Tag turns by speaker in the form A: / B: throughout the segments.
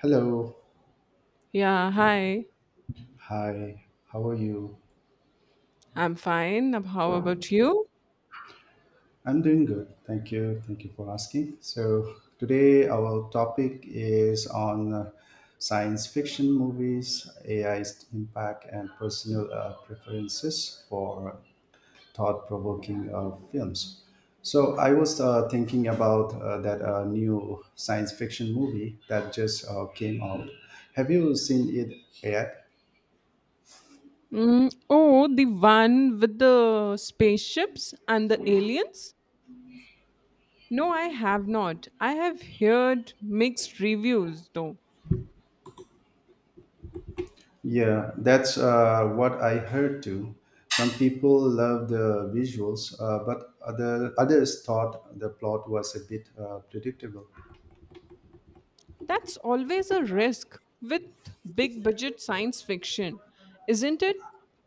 A: Hello.
B: Yeah, hi.
A: Hi. How are you?
B: I'm fine. How about you?
A: I'm doing good. Thank you. Thank you for asking. So, today our topic is on science fiction movies, AI's impact, and personal preferences for thought provoking films. So, I was thinking about that new science fiction movie that just came out. Have you seen it yet?
B: Mm, oh, the one with the spaceships and the aliens? No, I have not. I have heard mixed reviews, though.
A: Yeah, that's what I heard too. Some people loved the visuals, but others thought the plot was a bit predictable.
B: That's always a risk with big budget science fiction, isn't it?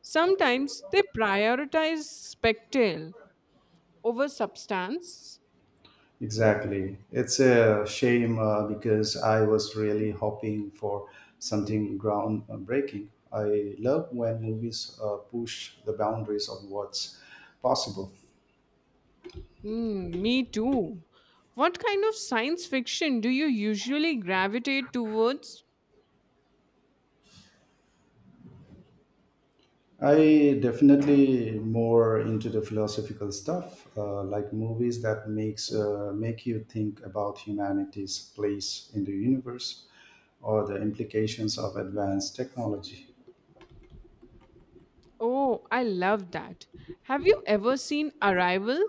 B: Sometimes they prioritize spectacle over substance.
A: Exactly. It's a shame because I was really hoping for something groundbreaking. I love when movies push the boundaries of what's possible.
B: Mm, me too. What kind of science fiction do you usually gravitate towards?
A: I definitely more into the philosophical stuff, like movies that make you think about humanity's place in the universe, or the implications of advanced technology.
B: Oh, I love that. Have you ever seen Arrival?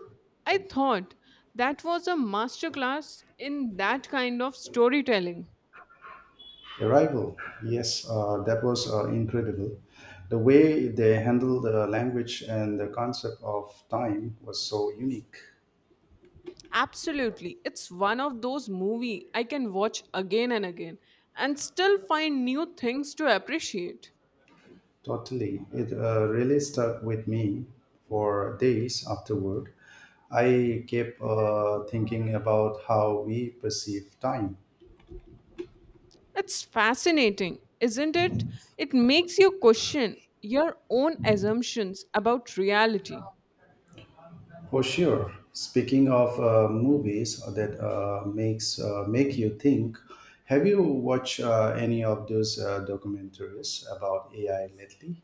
B: I thought that was a masterclass in that kind of storytelling.
A: Arrival, yes, that was incredible. The way they handled the language and the concept of time was so unique.
B: Absolutely. It's one of those movies I can watch again and again and still find new things to appreciate.
A: Totally. It really stuck with me for days afterward. I kept thinking about how we perceive time.
B: It's fascinating, isn't it? It makes you question your own assumptions about reality.
A: For sure. Speaking of movies that make you think, have you watched any of those documentaries about AI lately?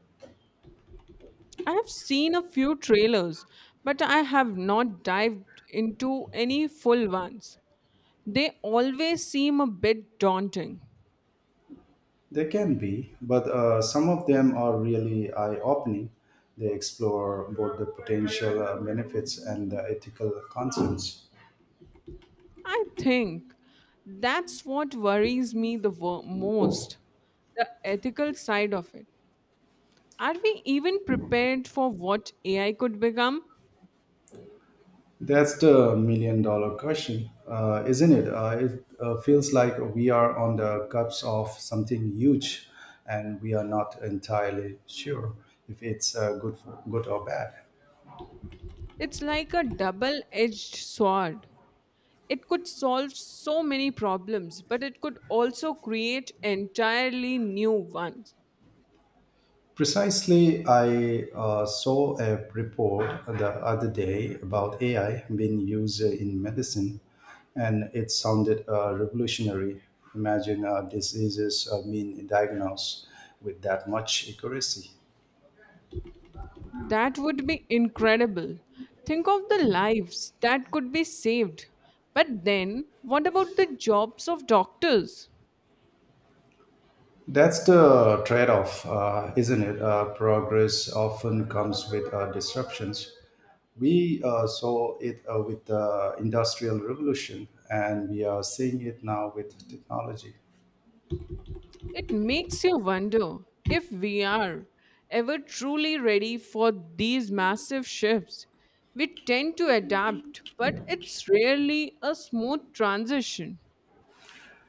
B: I have seen a few trailers, but I have not dived into any full ones. They always seem a bit daunting.
A: They can be, but some of them are really eye-opening. They explore both the potential benefits and the ethical concerns.
B: I think that's what worries me the most, the ethical side of it. Are we even prepared for what AI could become?
A: That's the million dollar question, isn't it? It feels like we are on the cusp of something huge and we are not entirely sure if it's good or bad.
B: It's like a double edged sword. It could solve so many problems, but it could also create entirely new ones.
A: Precisely, I saw a report the other day about AI being used in medicine and it sounded revolutionary. Imagine diseases being diagnosed with that much accuracy.
B: That would be incredible. Think of the lives that could be saved. But then, what about the jobs of doctors?
A: That's the trade off, isn't it? Progress often comes with disruptions. We saw it with the Industrial Revolution, and we are seeing it now with technology.
B: It makes you wonder if we are ever truly ready for these massive shifts. We tend to adapt, but it's rarely a smooth transition.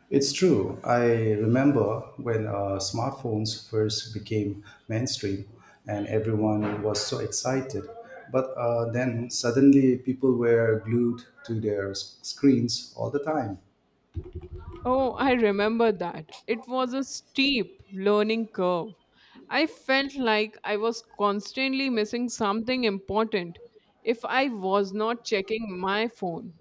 A: It's true. I remember when smartphones first became mainstream, and everyone was so excited. But then suddenly, people were glued to their screens all the time.
B: Oh, I remember that. It was a steep learning curve. I felt like I was constantly missing something important if I was not checking my phone.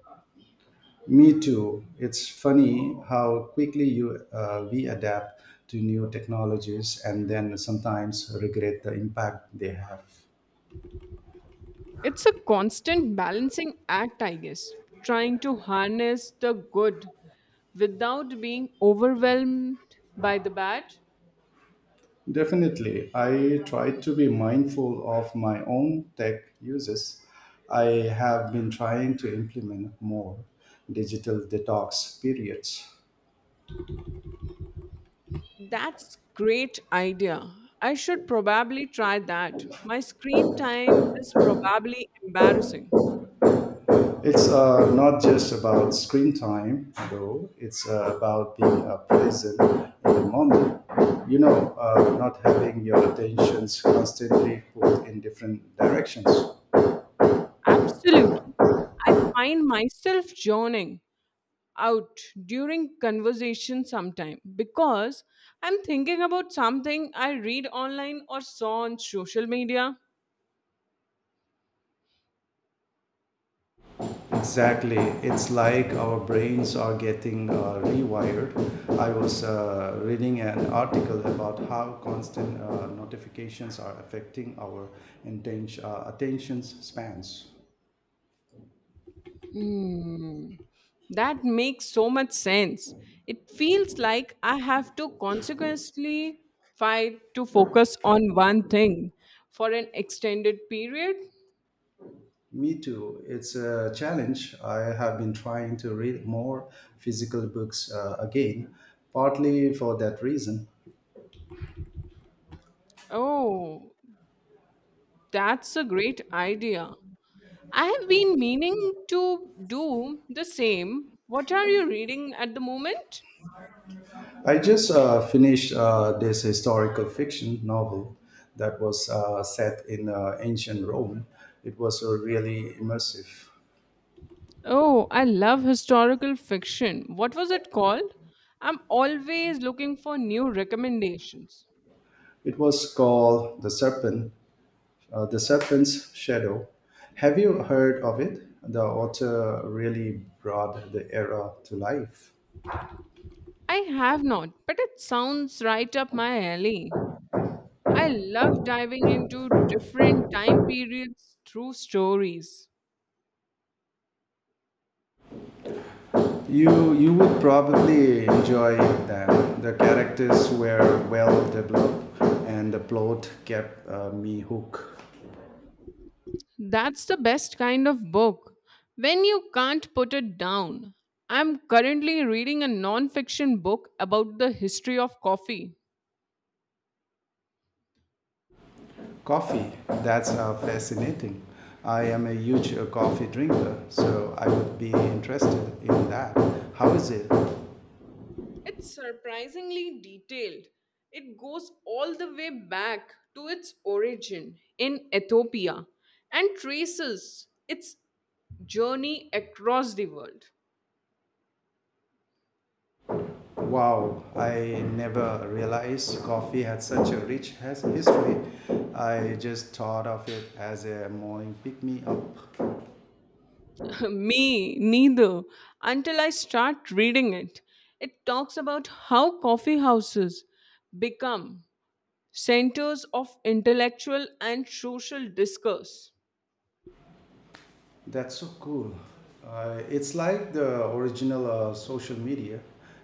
A: Me too. It's funny how quickly you we adapt to new technologies and then sometimes regret the impact they have.
B: It's a constant balancing act, I guess, trying to harness the good without being overwhelmed by the bad.
A: Definitely, I try to be mindful of my own tech uses. I have been trying to implement more digital detox periods.
B: That's great idea. I should probably try that. My screen time is probably embarrassing.
A: It's not just about screen time, though. It's about being present in the moment. You know, not having your attentions constantly put in different directions.
B: Absolutely. I find myself zoning out during conversation sometime because I'm thinking about something I read online or saw on social media.
A: Exactly. It's like our brains are getting rewired. I was reading an article about how constant notifications are affecting our attention spans.
B: Hmm. That makes so much sense. It feels like I have to consequently fight to focus on one thing for an extended period.
A: Me too. It's a challenge. I have been trying to read more physical books again, partly for that reason.
B: Oh, that's a great idea. I have been meaning to do the same. What are you reading at the moment?
A: I just finished this historical fiction novel that was set in ancient Rome. It was really immersive.
B: Oh, I love historical fiction. What was it called? I'm always looking for new recommendations.
A: It was called The Serpent's Shadow. Have you heard of it? The author really brought the era to life.
B: I have not, but it sounds right up my alley. I love diving into different time periods through stories.
A: You would probably enjoy that. The characters were well developed, and the plot kept me hooked.
B: That's the best kind of book. When you can't put it down. I'm currently reading a non-fiction book about the history of coffee.
A: Coffee, that's fascinating. I am a huge coffee drinker, so I would be interested in that. How is it?
B: It's surprisingly detailed. It goes all the way back to its origin in Ethiopia and traces its journey across the world.
A: Wow, I never realized coffee had such a rich history. I just thought of it as a morning pick me up.
B: Me neither, until I start reading it. It talks about how coffee houses become centers of intellectual and social discourse.
A: That's so cool. It's like the original social media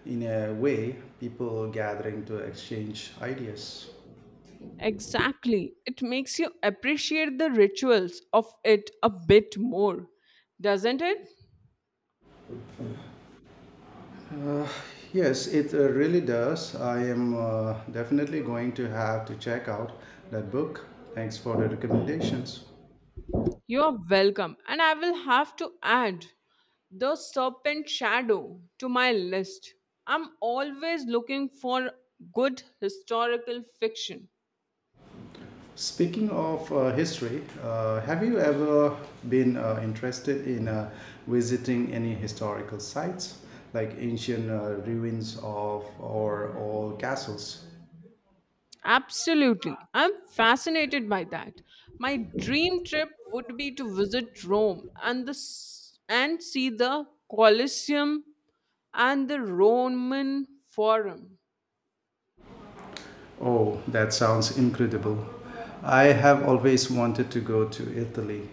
A: in a way, people gathering to exchange ideas.
B: Exactly. It makes you appreciate the rituals of it a bit more, doesn't it?
A: Uh, yes, it really does. I am definitely going to have to check out that book. Thanks for the recommendations.
B: You are welcome. And I will have to add the Serpent Shadow to my list. I'm always looking for good historical fiction.
A: Speaking of history, have you ever been interested in visiting any historical sites like ancient ruins of or old castles?
B: Absolutely. I'm fascinated by that. My dream trip would be to visit Rome and and see the Colosseum and the Roman Forum.
A: Oh, that sounds incredible. I have always wanted to go to Italy.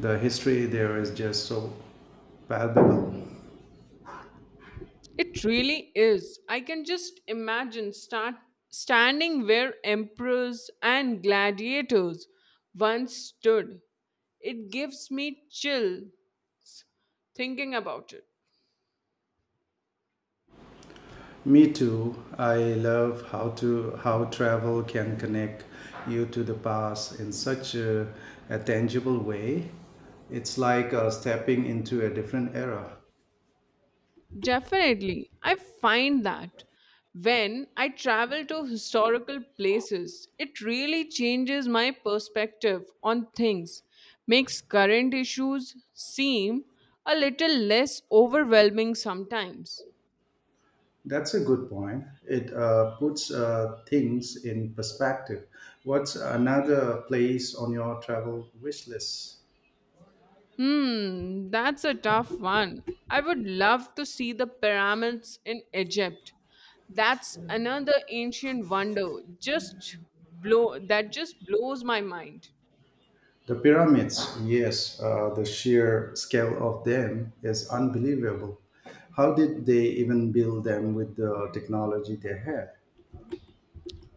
A: The history there is just so palpable.
B: It really is. I can just imagine start standing where emperors and gladiators once stood. It gives me chill thinking about it.
A: Me too. I love how travel can connect you to the past in such a tangible way. It's like stepping into a different era.
B: Definitely. I find that when I travel to historical places, it really changes my perspective on things, makes current issues seem a little less overwhelming sometimes.
A: That's a good point. It puts things in perspective. What's another place on your travel wish list?
B: Hmm, that's a tough one. I would love to see the pyramids in Egypt. That's another ancient wonder. Just just blows my mind.
A: The pyramids, yes, the sheer scale of them is unbelievable. How did they even build them with the technology they had?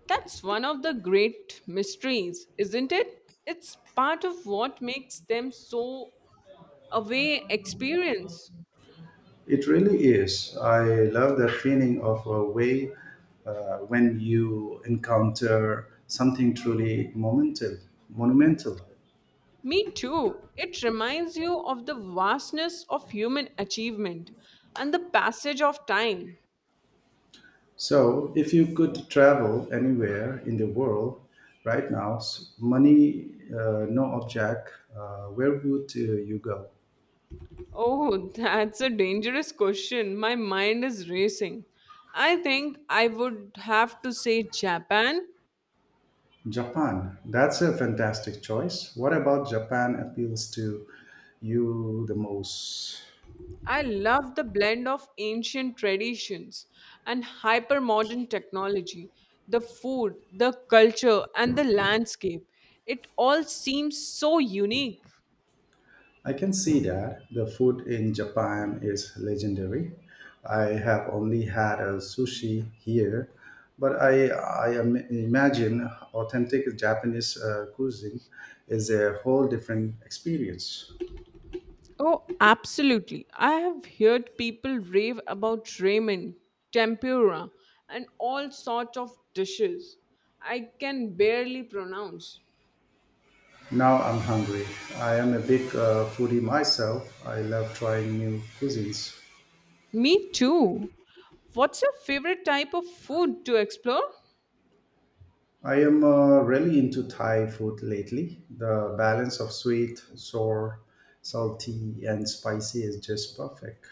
B: That's one of the great mysteries, isn't it? It's part of what makes them so away experience.
A: It really is. I love that feeling of a way when you encounter something truly monumental. Monumental.
B: Me too. It reminds you of the vastness of human achievement and the passage of time.
A: So, if you could travel anywhere in the world right now, money, no object, where would you go?
B: Oh, that's a dangerous question. My mind is racing. I think I would have to say Japan.
A: Japan. That's a fantastic choice. What about Japan appeals to you the most?
B: I love the blend of ancient traditions and hyper modern technology, the food, the culture, and the landscape. It all seems so unique.
A: I can see that the food in Japan is legendary. I have only had a sushi here, but I imagine authentic Japanese cuisine is a whole different experience.
B: Oh, absolutely. I have heard people rave about ramen, tempura, and all sorts of dishes I can barely pronounce.
A: Now I'm hungry. I am a big foodie myself. I love trying new cuisines.
B: Me too. What's your favorite type of food to explore?
A: I am really into Thai food lately. The balance of sweet, sour, salty, and spicy is just perfect.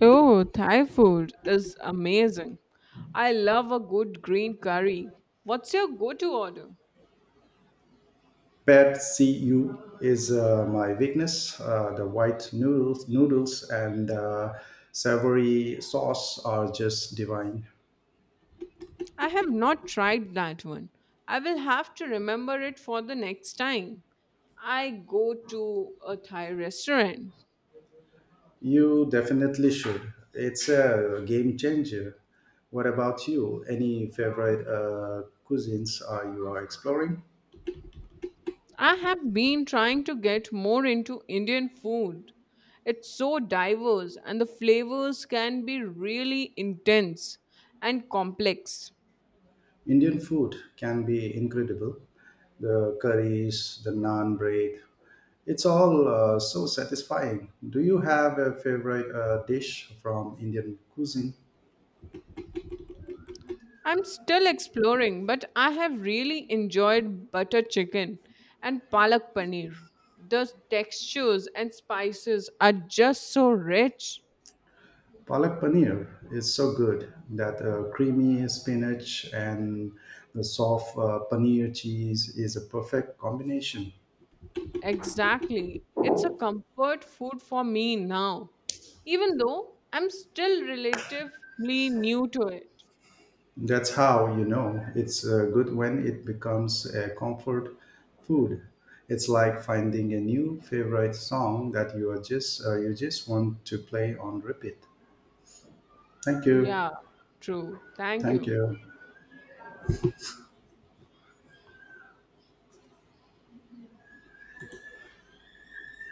B: Oh, Thai food is amazing. I love a good green curry. What's your go to order?
A: Pad see ew is my weakness. The white noodles and savory sauce are just divine.
B: I have not tried that one. I will have to remember it for the next time I go to a Thai restaurant.
A: You definitely should. It's a game changer. What about you? Any favorite cuisines are exploring?
B: I have been trying to get more into Indian food. It's so diverse, and the flavors can be really intense and complex.
A: Indian food can be incredible. The curries, the naan bread, it's all so satisfying. Do you have a favorite dish from Indian cuisine?
B: I'm still exploring, but I have really enjoyed butter chicken and palak paneer. The textures and spices are just so rich.
A: Palak paneer is so good. That creamy spinach and the soft paneer cheese is a perfect combination.
B: Exactly. It's a comfort food for me now, even though I'm still relatively new to it.
A: That's how you know it's good when it becomes a comfort food. It's like finding a new favorite song that you just want to play on repeat. Thank you.
B: Yeah, true. Thank
A: Thank
B: you.
A: you.